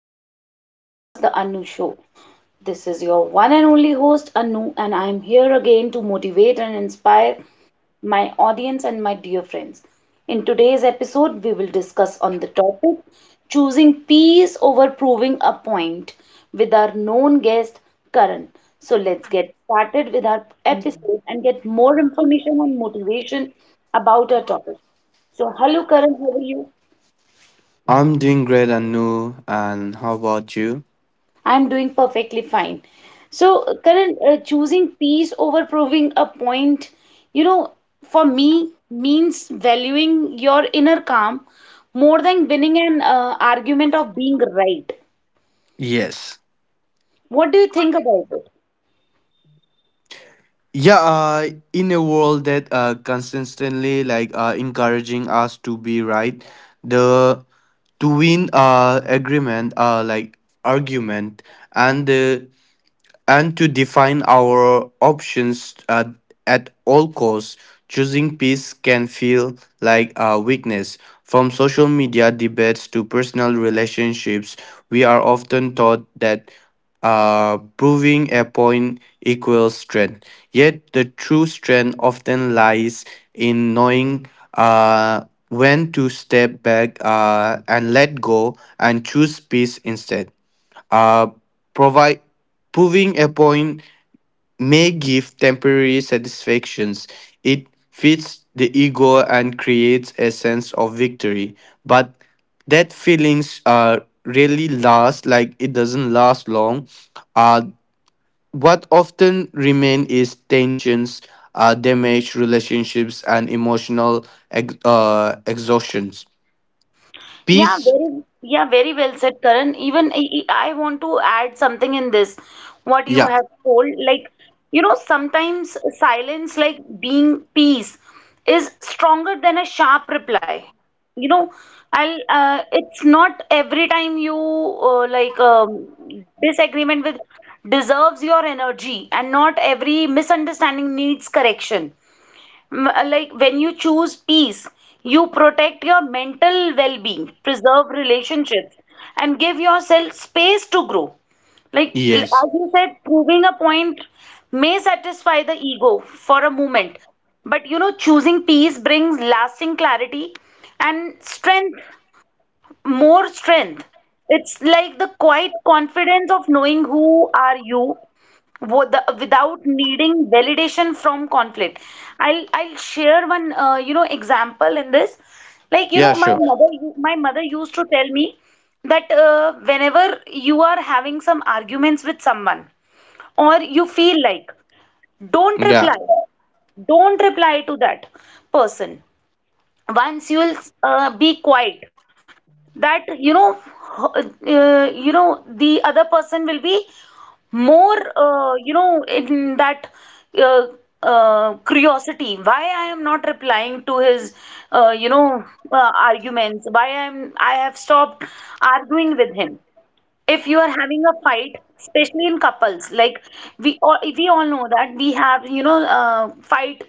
welcome to my podcast, The Anu Show. This is your one and only host, Anu, and I am here again to motivate and inspire my audience and my dear friends. In today's episode, we will discuss on the topic choosing peace over proving a point with our known guest, Karan. So let's get started with our I'm episode and get more information and motivation about our topic. So, hello, Karan, how are you? doing great, Anu. And how about you? I'm doing perfectly fine. So, Karan, choosing peace over proving a point, you know, for me means valuing your inner calm more than winning an argument of being right. Yes. What do you think about it? Yeah, uh, in a world that consistently encouraging us to be right, the to win agreement argument and the and to define our options at all costs. Choosing peace can feel like a weakness. From social media debates to personal relationships, we are often taught that proving a point equals strength. Yet, the true strength often lies in knowing uh, when to step back and let go and choose peace instead. Uh, provide, proving a point may give temporary satisfactions. It feeds the ego and creates a sense of victory, but that feelings really last. Like it doesn't last long. Uh, what often remain is tensions, damaged relationships, and emotional exhaustions. Yeah, Peace. very, yeah, very well said, Karan. Even I want to add something in this, what you Yeah. have told. Like, you know, sometimes silence, like being peace, is stronger than a sharp reply. You know, it's not every time you like disagreement with deserves your energy, and not every misunderstanding needs correction like when you choose peace, you protect your mental well being, preserve relationships, and give yourself space to grow. Like, Yes. as you said, proving a point may satisfy the ego for a moment, but you know, choosing peace brings lasting clarity and strength, more strength. It's like the quiet confidence of knowing who are you without needing validation from conflict. I'll share one you know example in this. Like you know Yeah. my Sure. mother my mother used to tell me that whenever you are having some arguments with someone or you feel like don't Yeah. reply don't reply to that person once you will be quiet that you know, you know the other person will be more, you know, in that, uh, curiosity why I am not replying to his, you know, arguments, why I have stopped arguing with him. If you are having a fight, especially in couples, like we all know that we have, you know, fight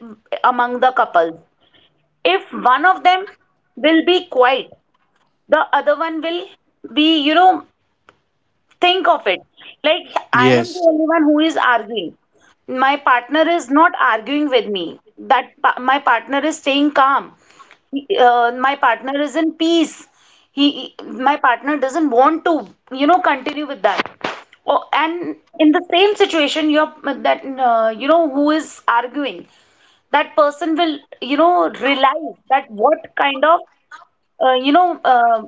among the couples. If one of them will be quiet, the other one will be, you know. Think of it. Like, I am the Yes. only one who is arguing. My partner is not arguing with me. My partner is staying calm. My partner is in peace. He, my partner doesn't want to, you know, continue with that. Oh, and in the same situation, that you know who is arguing, that person will, you know, realize that what kind of, you know,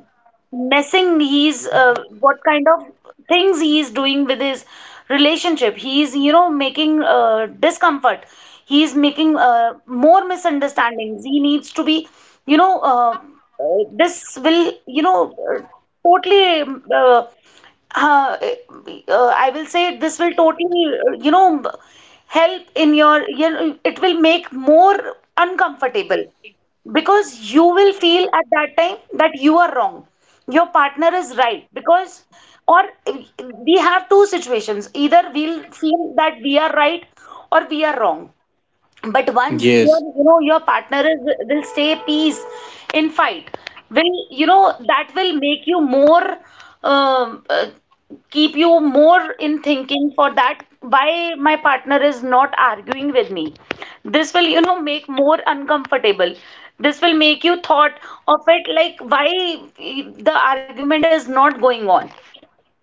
messing he's what kind of things he is doing with his relationship. He is, you know, making discomfort. He is making more misunderstandings. He needs to be, you know, this will, you know, totally. Uh, I will say this will totally, you know, help in your, you know, it will make more uncomfortable because you will feel at that time that you are wrong, your partner is right, because, or, we have two situations: either we'll feel that we are right or we are wrong. But once your, Yes. you know, your partner is will say peace in fight, will, you know, that will make you more, um, uh, keep you more in thinking for that, why my partner is not arguing with me. This will, you know, make more uncomfortable. This will make you thought of it, like why the argument is not going on.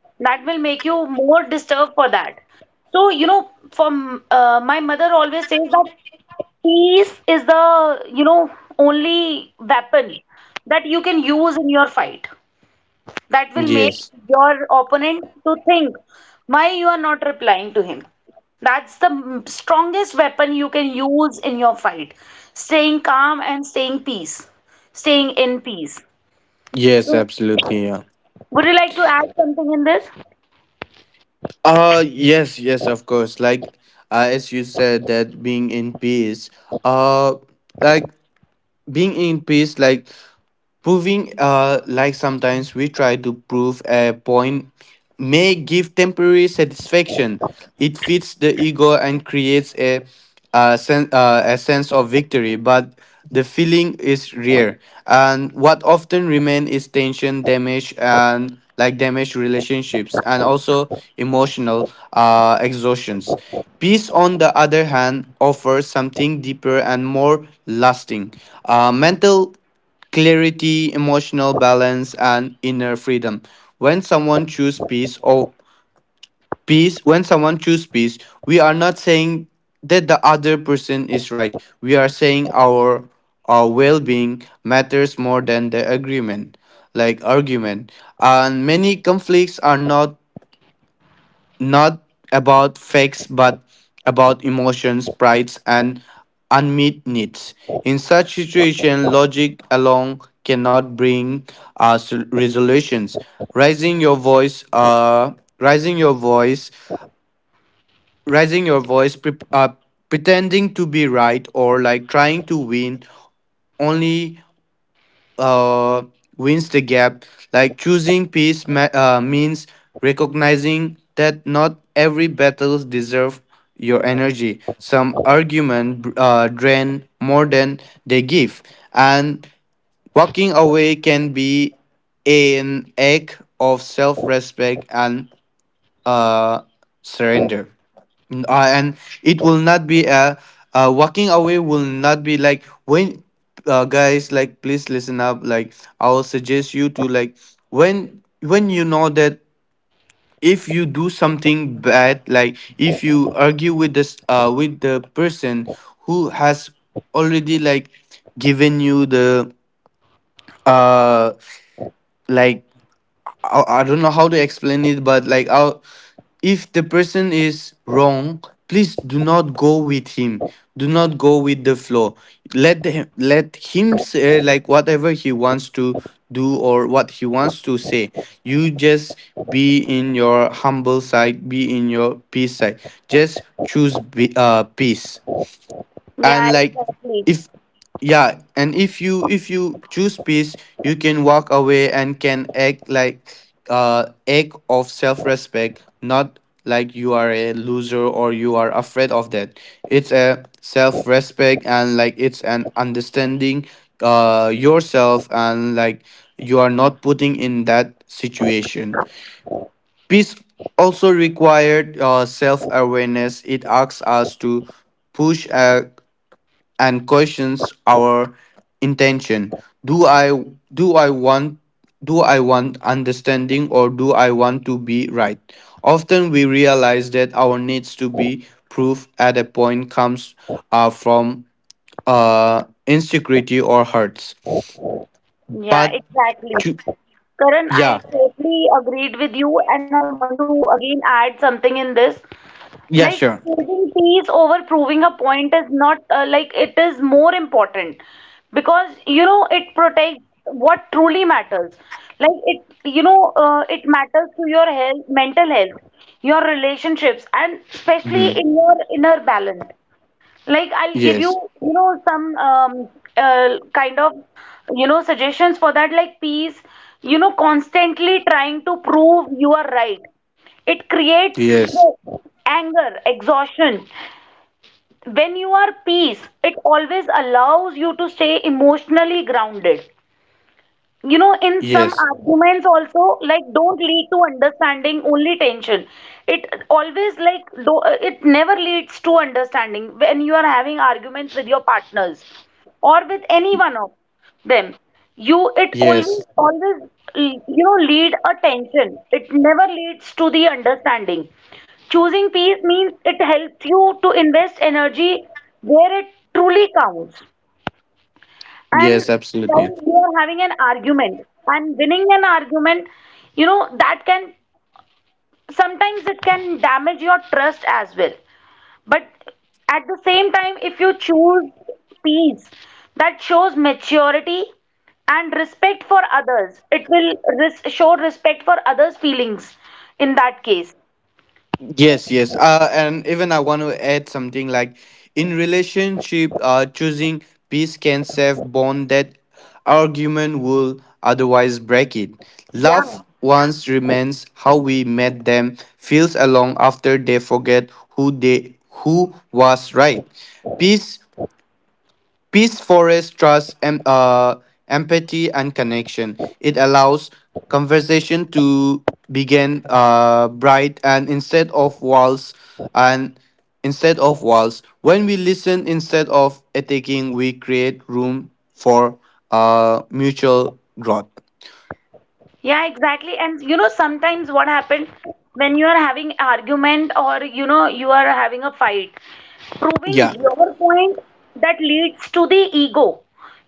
That will make you more disturbed for that. So, you know, from my mother always says that peace is the, you know, only weapon that you can use in your fight. That will make Yes, your opponent to think why you are not replying to him. That's the strongest weapon you can use in your fight. Staying calm and staying peace, staying in peace. yes, So, absolutely. Yeah. would you like to add something in this? Yes, yes, of course. As you said that being in peace, uh like being in peace like sometimes we try to prove a point, may give temporary satisfaction. It feeds the ego and creates a sense of victory, but the feeling is rare. And what often remains is tension, damage, and like damaged relationships, and also emotional exhaustions. Peace, on the other hand, offers something deeper and more lasting. Mental clarity, emotional balance, and inner freedom. When someone choose peace or when someone choose peace, we are not saying that the other person is right. We are saying our well-being matters more than the agreement, like argument. And many conflicts are not about facts but about emotions, prides, and unmet needs. In such situation, logic alone cannot bring us resolutions. Raising your voice, uh, raising your voice, raising your voice, pretending to be right, or like trying to win only uh, wins the gap. Like choosing peace means recognizing that not every battles deserve your energy. Some argument drain more than they give, and walking away can be an act of self-respect and uh, surrender. And it will not be a walking away will not be like when guys like please listen up like I'll suggest you to like when you know that if you do something bad like if you argue with this with the person who has already like given you the uh like I don't know how to explain it, but like I if the person is wrong, please do not go with him. Do not go with the flow. Let him say like whatever he wants to do or what he wants to say. You just be in your humble side, be in your peace side. Just choose peace Yeah, and like exactly. if yeah and if you choose peace you can walk away and can act like act of self-respect not like you are a loser or you are afraid of that it's a self-respect and like it's an understanding yourself and like you are not putting in that situation peace also required self-awareness. It asks us to push and questions our intention. Do I do I want do I want understanding or do I want to be right? Often we realize that our needs to be proof at a point comes from insecurity or hurts. Yeah, But exactly. to, Karan, I yeah, totally agreed with you, and I want to again add something in this. yeah, Like, sure. choosing peace over proving a point is not like it is more important, because you know it protects what truly matters. Like, it, you know, it matters to your health, mental health, your relationships, and especially Hmm. in your inner balance. Like I'll give you, Yes, you know, some kind of, you know, suggestions for that. Like peace, you know, constantly trying to prove you are right. It creates yes, stress, anger, exhaustion. When you are peace, it always allows you to stay emotionally grounded. You know, in some yes, arguments also, like, don't lead to understanding, only tension. It always, like, do, it never leads to understanding when you are having arguments with your partners or with any one of them. You, it yes, always, always, you know, lead a tension, it never leads to the understanding. Choosing peace means it helps you to invest energy where it truly counts. And yes, while absolutely. you are having an argument and winning an argument, you know, that can sometimes, it can damage your trust as well. But at the same time, if you choose peace, that shows maturity and respect for others. It will show respect for others feelings in that case. Yes, yes. And even I want to add something like in relationship, choosing peace can save bond that argument will otherwise break it. Love Yeah, once remains how we met them, feels along after they forget who was right. Peace Peace forests trust, empathy, and connection. It allows conversation to begin bright and instead of walls and instead of walls. When we listen instead of attacking, we create room for mutual growth. yeah, exactly. And you know, sometimes what happens when you are having argument, or you know you are having a fight, proving Yeah. your point, that leads to the ego,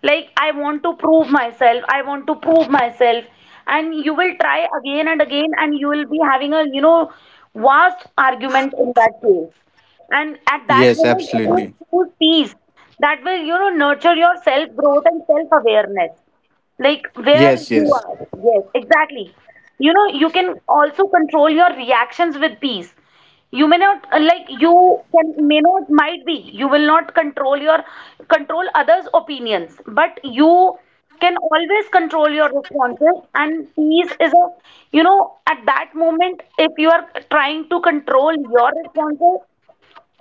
like I want to prove myself, I want to prove myself, and you will try again and again, and you will be having a, you know, vast argument in that case. And at that Yes, moment, if you absolutely. choose peace, that will, you know, nurture your self growth and self awareness, like where Yes, you yes. are. Yes, exactly. You know, you can also control your reactions with peace. You may not, like you can may not, might be you will not control your, control others opinions, but you can always control your responses. And peace is a, you know, at that moment if you are trying to control your responses,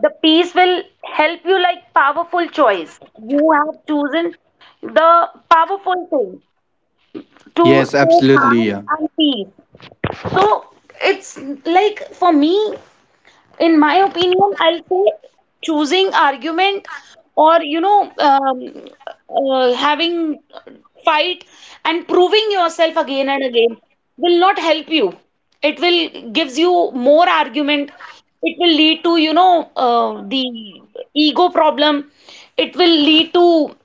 the peace will help you, like powerful choice you have chosen, the powerful thing to Yes, stay absolutely. calm Yeah. and peace. So it's like for me, in my opinion, I'll say choosing argument or, you know, having fight and proving yourself again and again will not help you. It will gives you more argument. It will lead to, you know, the ego problem. It will lead to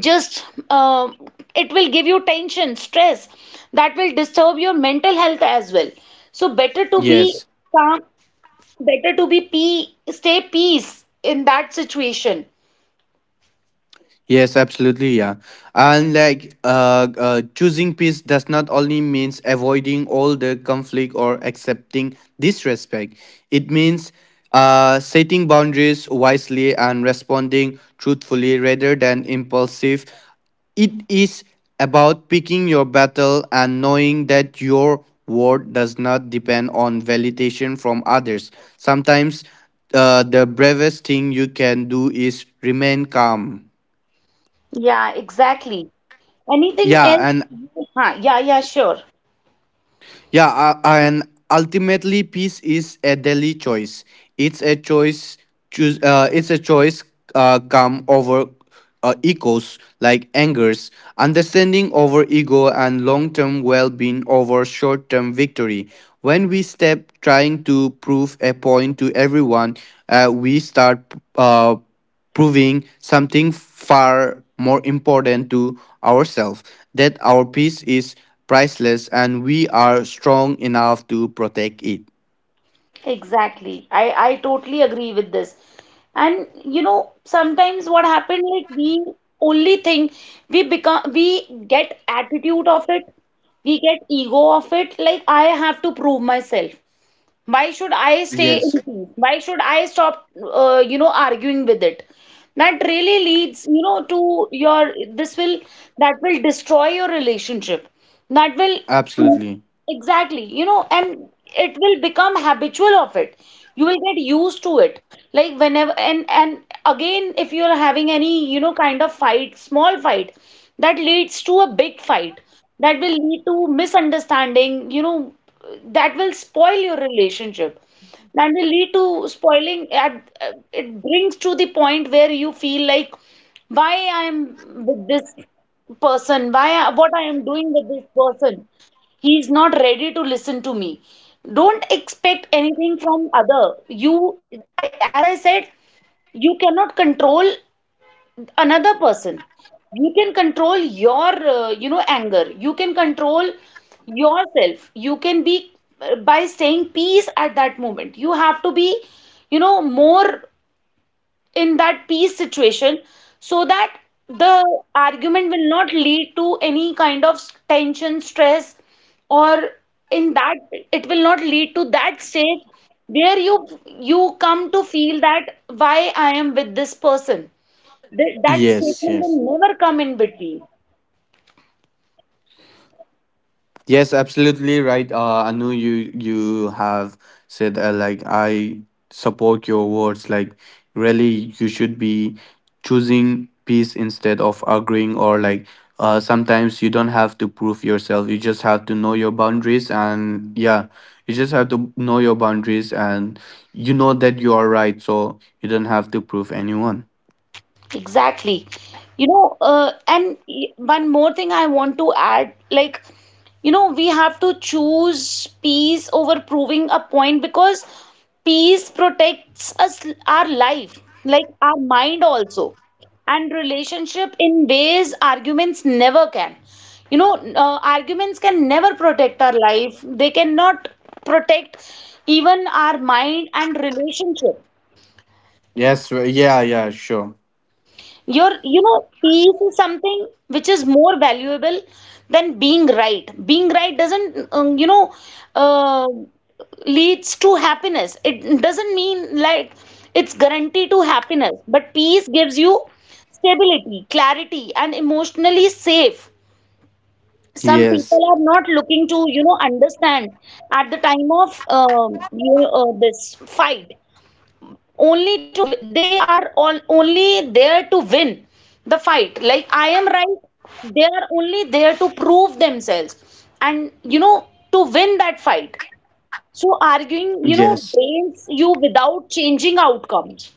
just, it will give you tension, stress, that will disturb your mental health as well. So better to be Yes. calm, better to be pea stay peace in that situation. Yes, absolutely, yeah. And choosing peace does not only means avoiding all the conflict or accepting disrespect. It means setting boundaries wisely and responding truthfully rather than impulsive. It is about picking your battle and knowing that your word does not depend on validation from others. Sometimes the bravest thing you can do is remain calm. Yeah, exactly. Anything Yeah, else? and Yeah, yeah, sure. yeah, and ultimately, peace is a daily choice. It's a choice. Choose. It's a choice. Come over egos like angers, understanding over ego, and long-term well-being over short-term victory. When we step trying to prove a point to everyone, we start uh, proving something far more important to ourselves that our peace is priceless and we are strong enough to protect it. Exactly. I totally agree with this. And you know, sometimes what happened, like we only think, we become, we get attitude of it, we get ego of it, like I have to prove myself. Why should I stay in Yes, peace? Why should I stop, you know, arguing with it? That really leads, you know, to your, this will, that will destroy your relationship. That will, mm, absolutely. exactly, you know, and it will become habitual of it. You will get used to it. Like whenever, and again, if you're having any, you know, kind of fight, small fight, that leads to a big fight, that will lead to misunderstanding, you know, that will spoil your relationship. That will lead to spoiling. It brings to the point where you feel like, why I'm with this person, what I am doing with this person. He's not ready to listen to me. Don't expect anything from other. You, I, as I said, you cannot control another person. You can control your, you know, anger. You can control yourself. You can be, by staying peace at that moment, you have to be, you know, more in that peace situation, so that the argument will not lead to any kind of tension, stress, or in that, it will not lead to that state where you come to feel that why I am with this person. That Yes, statement yes. will never come in between. Yes, absolutely right. Anu, you have said I support your words. Like really, you should be choosing peace instead of arguing, or like sometimes you don't have to prove yourself. You just have to know your boundaries and yeah, you just have to know your boundaries and you know that you are right, so you don't have to prove anyone. Exactly. You know, and one more thing I want to add, like, you know, we have to choose peace over proving a point because peace protects us, our life, like our mind also, and relationship in ways arguments never can. You know, arguments can never protect our life. They cannot protect even our mind and relationship. Yes. Yeah. Yeah. Sure. Your, you know, peace is something which is more valuable than being right. Being right doesn't, you know, uh, leads to happiness. It doesn't mean like it's guaranteed to happiness, but peace gives you stability, clarity, and emotionally safe. Some Yes. people are not looking to, understand at the time of this fight only they are all only there to win the fight like I am right. They are only there to prove themselves and, you know, to win that fight. So arguing, you know, Yes. drains you without changing outcomes.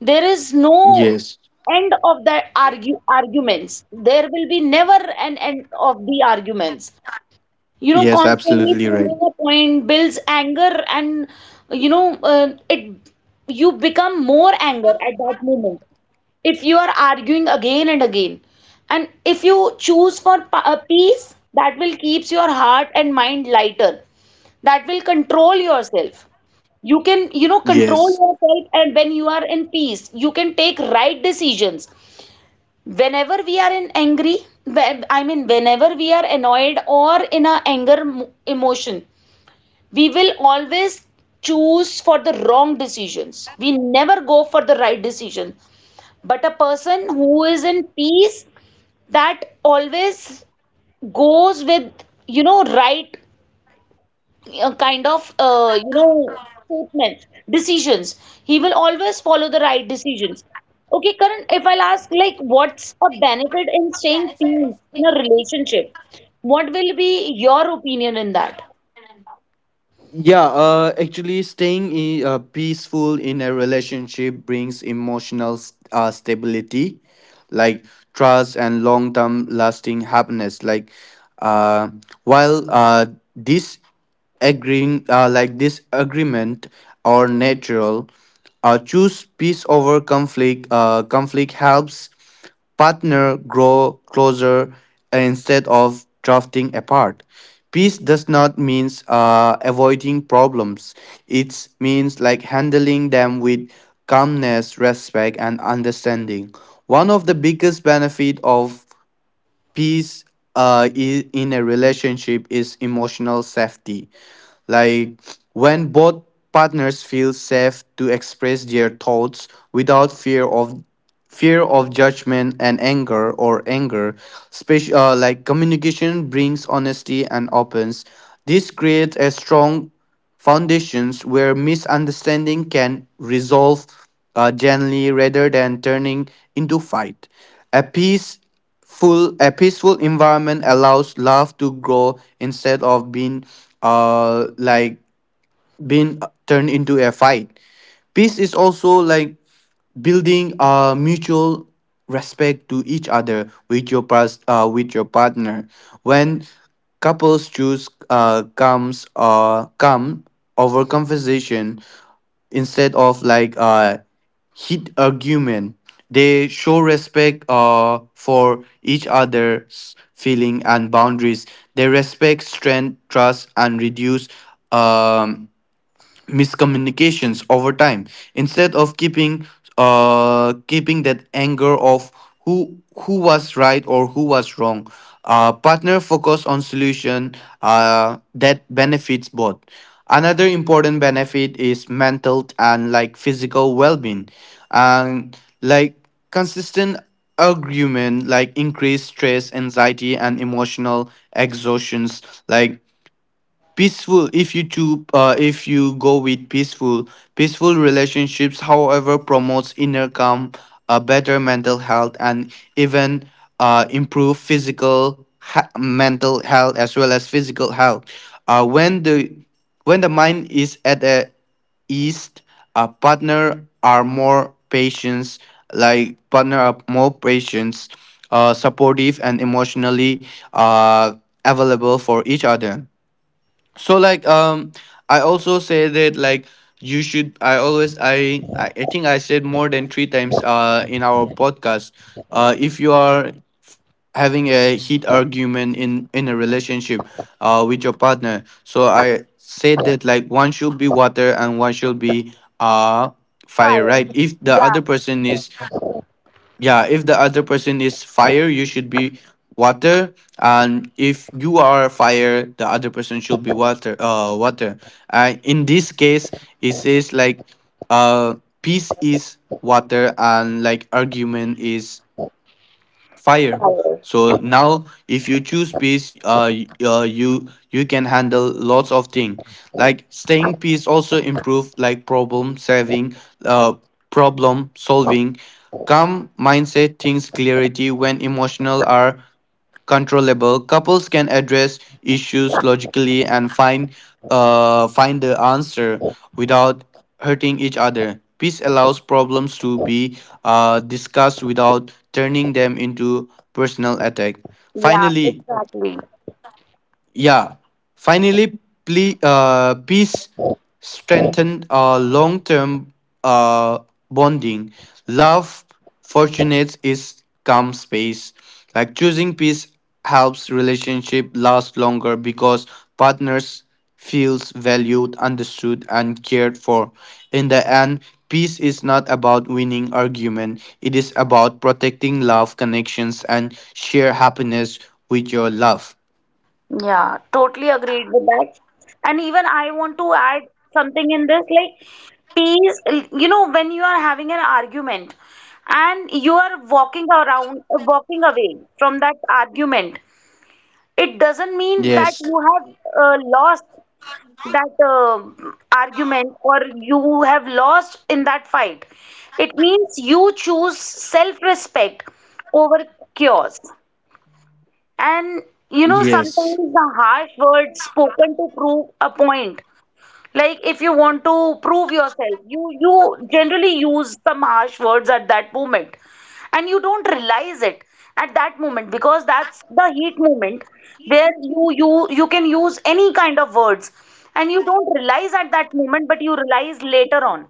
There is no Yes. end of the argue arguments. There will be never an end of the arguments. You know, Yes. constantly Absolutely right. proving a point builds anger, and you know it you become more anger at that moment if you are arguing again and again. And if you choose for peace, that will keeps your heart and mind lighter. That will control yourself. You can, you know, control Yes. yourself, and when you are in peace you can take right decisions. Whenever we are in angry, I mean whenever we are annoyed or in a anger emotion, we will always choose for the wrong decisions. We never go for the right decision. But a person who is in peace, that always goes with, you know, right, kind of, statements, decisions. He will always follow the right decisions. Okay, Karan, if I'll ask, like, what's a benefit in staying peace in a relationship? What will be your opinion in that? Yeah, actually, staying peaceful in a relationship brings emotional stability, like trust and long term lasting happiness. Like, uh, while this agreeing, like this agreement are natural, choose peace over conflict. Conflict helps partner grow closer instead of drifting apart. Peace does not mean avoiding problems. It means like handling them with calmness, respect, and understanding. One of the biggest benefit of peace in a relationship is emotional safety like when both partners feel safe to express their thoughts without fear of judgment and anger special like communication brings honesty and opens. This creates a strong foundations where misunderstanding can resolve gently rather than turning into fight. A peace full a peaceful environment allows love to grow instead of being uh like being turned into a fight. Peace is also like building a mutual respect to each other with your past with your partner. When couples choose comes come over conversation instead of heat argument, they show respect for each other's feeling and boundaries. They respect strength trust and reduce um miscommunications over time instead of keeping that anger of who who was right or who was wrong. Partner focus on solution that benefits both. Another important benefit is mental and like physical well-being and like consistent argument like increased stress anxiety and emotional exhaustions. Like peaceful if you to if you go with peaceful peaceful relationships however promotes inner calm, a better mental health and even improve mental health as well as physical health. uh, when the when the mind is at a east, a partner are more patients, like partner are more patients supportive and emotionally uh, available for each other. So like I also say that like you should I i think I said more than three times in our podcast if you are having a heat argument in a relationship with your partner. So I said that like one should be water and one should be uh fire, Fire. right? If the other Yeah, person is yeah if the other person is fire you should be water, and if you are fire the other person should be water in this case. It says like uh peace is water and like argument is fire. fire. So now, if you choose peace, you can handle lots of things. Like staying peace also improve like uh, problem solving, calm mindset, things clarity. When emotional are controllable, couples can address issues logically and find find the answer without hurting each other. Peace allows problems to be discussed without turning them into personal attack. Yeah, Finally, exactly. yeah, finally, peace strengthened our long term uh, bonding. Love fortunates is calm space. Like choosing peace helps relationship last longer because partners feels valued, understood, and cared for. In the end, peace is not about winning argument. It is about protecting love, connections, and share happiness with your love. Yeah, totally agreed with that. And even I want to add something in this, like peace, you know, when you are having an argument and you are walking around, walking away from that argument, it doesn't mean that Yes. you have lost that argument or you have lost in that fight. It means you choose self-respect over chaos. And you know, sometimes Yes, the harsh words spoken to prove a point. Like, if you want to prove yourself, you generally use some harsh words at that moment, and you don't realize it at that moment because that's the heat moment where you can use any kind of words, and you don't realize at that moment, but you realize later on.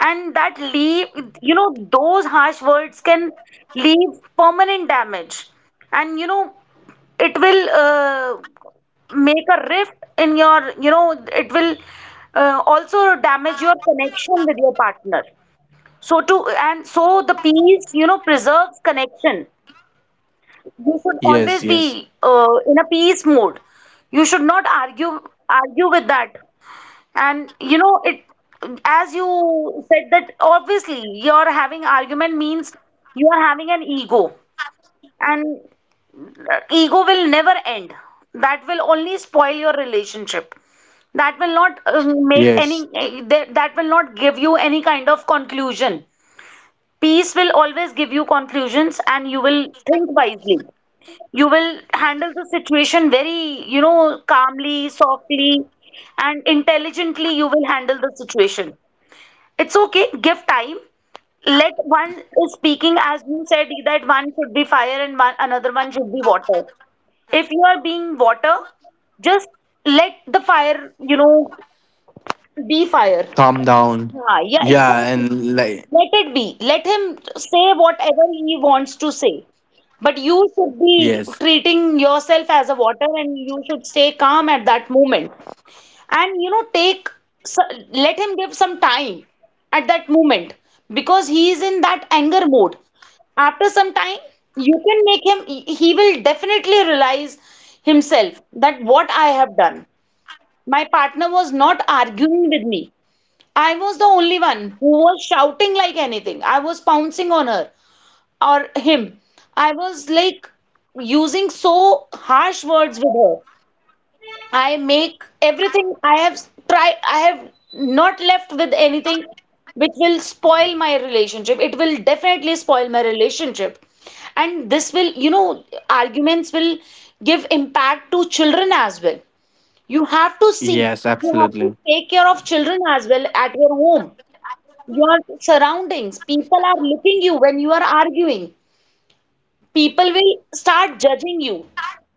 And that leave, you know, those harsh words can leave permanent damage. And you know, it will, make a rift in your, you know, it will also damage your connection with your partner. So to and so the peace, you know, preserves connection. You should yes, always yes, be, in a peace mode. You should not argue with that. And you know it, as you said, that obviously you're having argument means you are having an ego, and ego will never end. That will only spoil your relationship. That will not, make yes. any that will not give you any kind of conclusion. Peace will always give you conclusions, and you will think wisely. You will handle the situation very, you know, calmly, softly, and intelligently. You will handle the situation. It's okay, give time. Let one is speaking, as you said, that one should be fire and one another one should be water. If you are being water, just let the fire, you know, be fire. Calm down. Yeah, yeah, Yeah, exactly. and like, Let it be. Let him say whatever he wants to say, but you should be yes, treating yourself as a water and you should stay calm at that moment. And you know, take s- let him give some time at that moment because he is in that anger mode. After some time, you can make him, he will definitely realize himself that what I have done. My partner was not arguing with me. I was the only one who was shouting like anything. I was pouncing on her or him. I was like using so harsh words with her. I make everything, I have try I have not left with anything which will spoil my relationship. It will definitely spoil my relationship. And this will, you know, arguments will give impact to children as well. You have to see, yes, you have absolutely. to take care of children as well at your home, your surroundings. People are looking you when you are arguing. People will start judging you.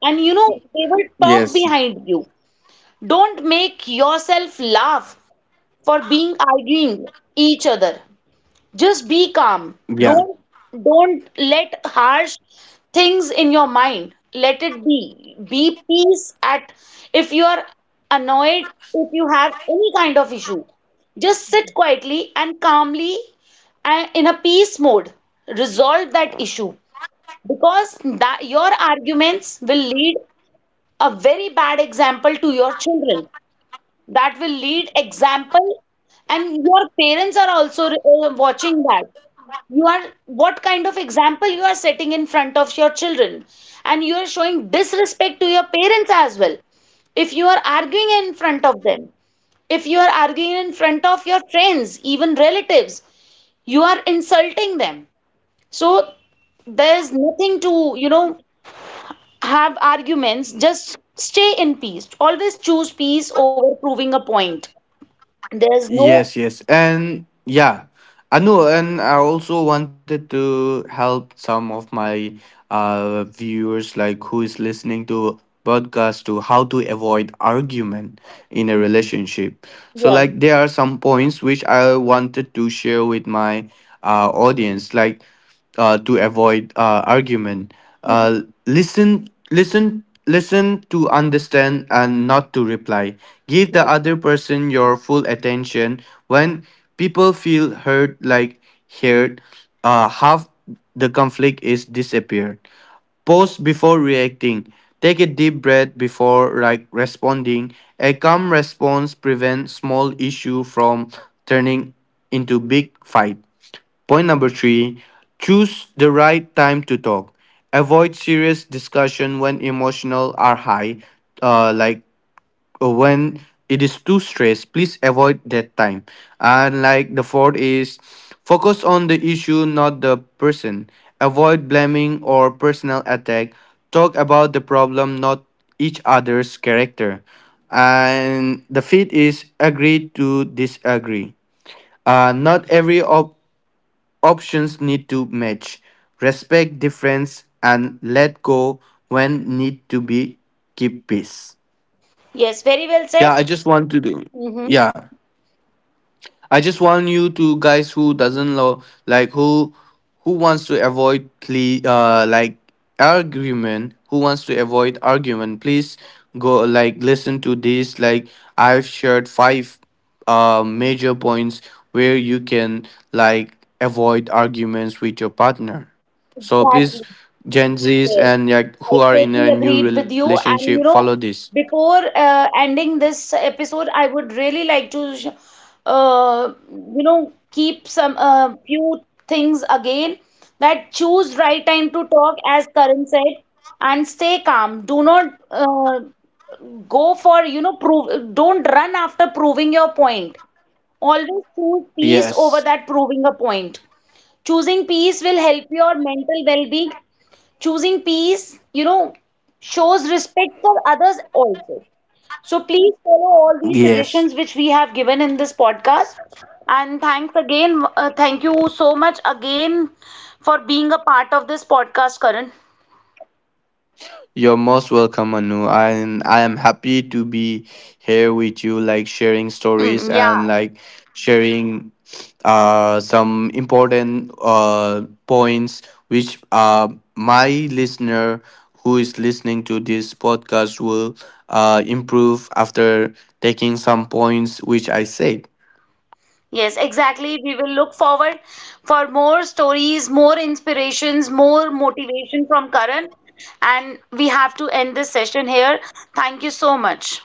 And you know, they will Yes, talk behind you. Don't make yourself laugh for being arguing each other. Just be calm. yeah, Don't don't let harsh things in your mind. Let it be. Be peace at, if you are annoyed, if you have any kind of issue, just sit quietly and calmly and in a peace mode. Resolve that issue, because that your arguments will lead a very bad example to your children. That will lead example. And your parents are also, watching that, you are what kind of example you are setting in front of your children. And you are showing disrespect to your parents as well if you are arguing in front of them, if you are arguing in front of your friends, even relatives, you are insulting them. So there's nothing to, you know, have arguments. Just stay in peace. Always choose peace over proving a point. There's no. yes, yes. And yeah, I know, and I also wanted to help some of my viewers, like who is listening to podcast, to how to avoid argument in a relationship. So Yeah. like there are some points which I wanted to share with my audience. Like to avoid argument. Mhm. Uh, listen to understand and not to reply. Give the other person your full attention. When people feel heard, heard, half the conflict is disappeared. Pause before reacting. Take a deep breath before like responding. A calm response prevents small issue from turning into big fight. Point number three, choose the right time to talk. Avoid serious discussion when emotional are high, uh, like when it is too stressed. Please avoid that time. And like the fourth is focus on the issue, not the person. Avoid blaming or personal attack. Talk about the problem, not each other's character. And the fifth is agree to disagree. Not every options need to match, respect difference, and let go when need to be keep peace. Yes, very well said. Yeah, I just want to do. Hmm. Yeah. I just want you to guys who doesn't lo- like who wants to avoid argument, who wants to avoid argument, please go like listen to this. Like I've shared five major points where you can like avoid arguments with your partner. So Exactly. please Gen Z's Yes. and like I who are in totally a new agreed with you. relationship And follow you know, this. before ending this episode, I would really like to, you know, keep some few things again, that choose right time to talk, as Karan said, and stay calm. Do not, go for, you know, prove, don't run after proving your point. Always choose peace Yes. over that proving a point. Choosing peace will help your mental well being. Choosing peace, you know, shows respect for others also. So please follow all these Yes. suggestions which we have given in this podcast. And thanks again. Thank you so much again for being a part of this podcast, Karan. You're most welcome, Anu. And I am happy to be here with you, like sharing stories Hmm, yeah. and like sharing some important points which my listener who is listening to this podcast will improve after taking some points which I said. Yes, exactly. We will look forward for more stories, more inspirations, more motivation from Karan. And we have to end this session here. Thank you so much.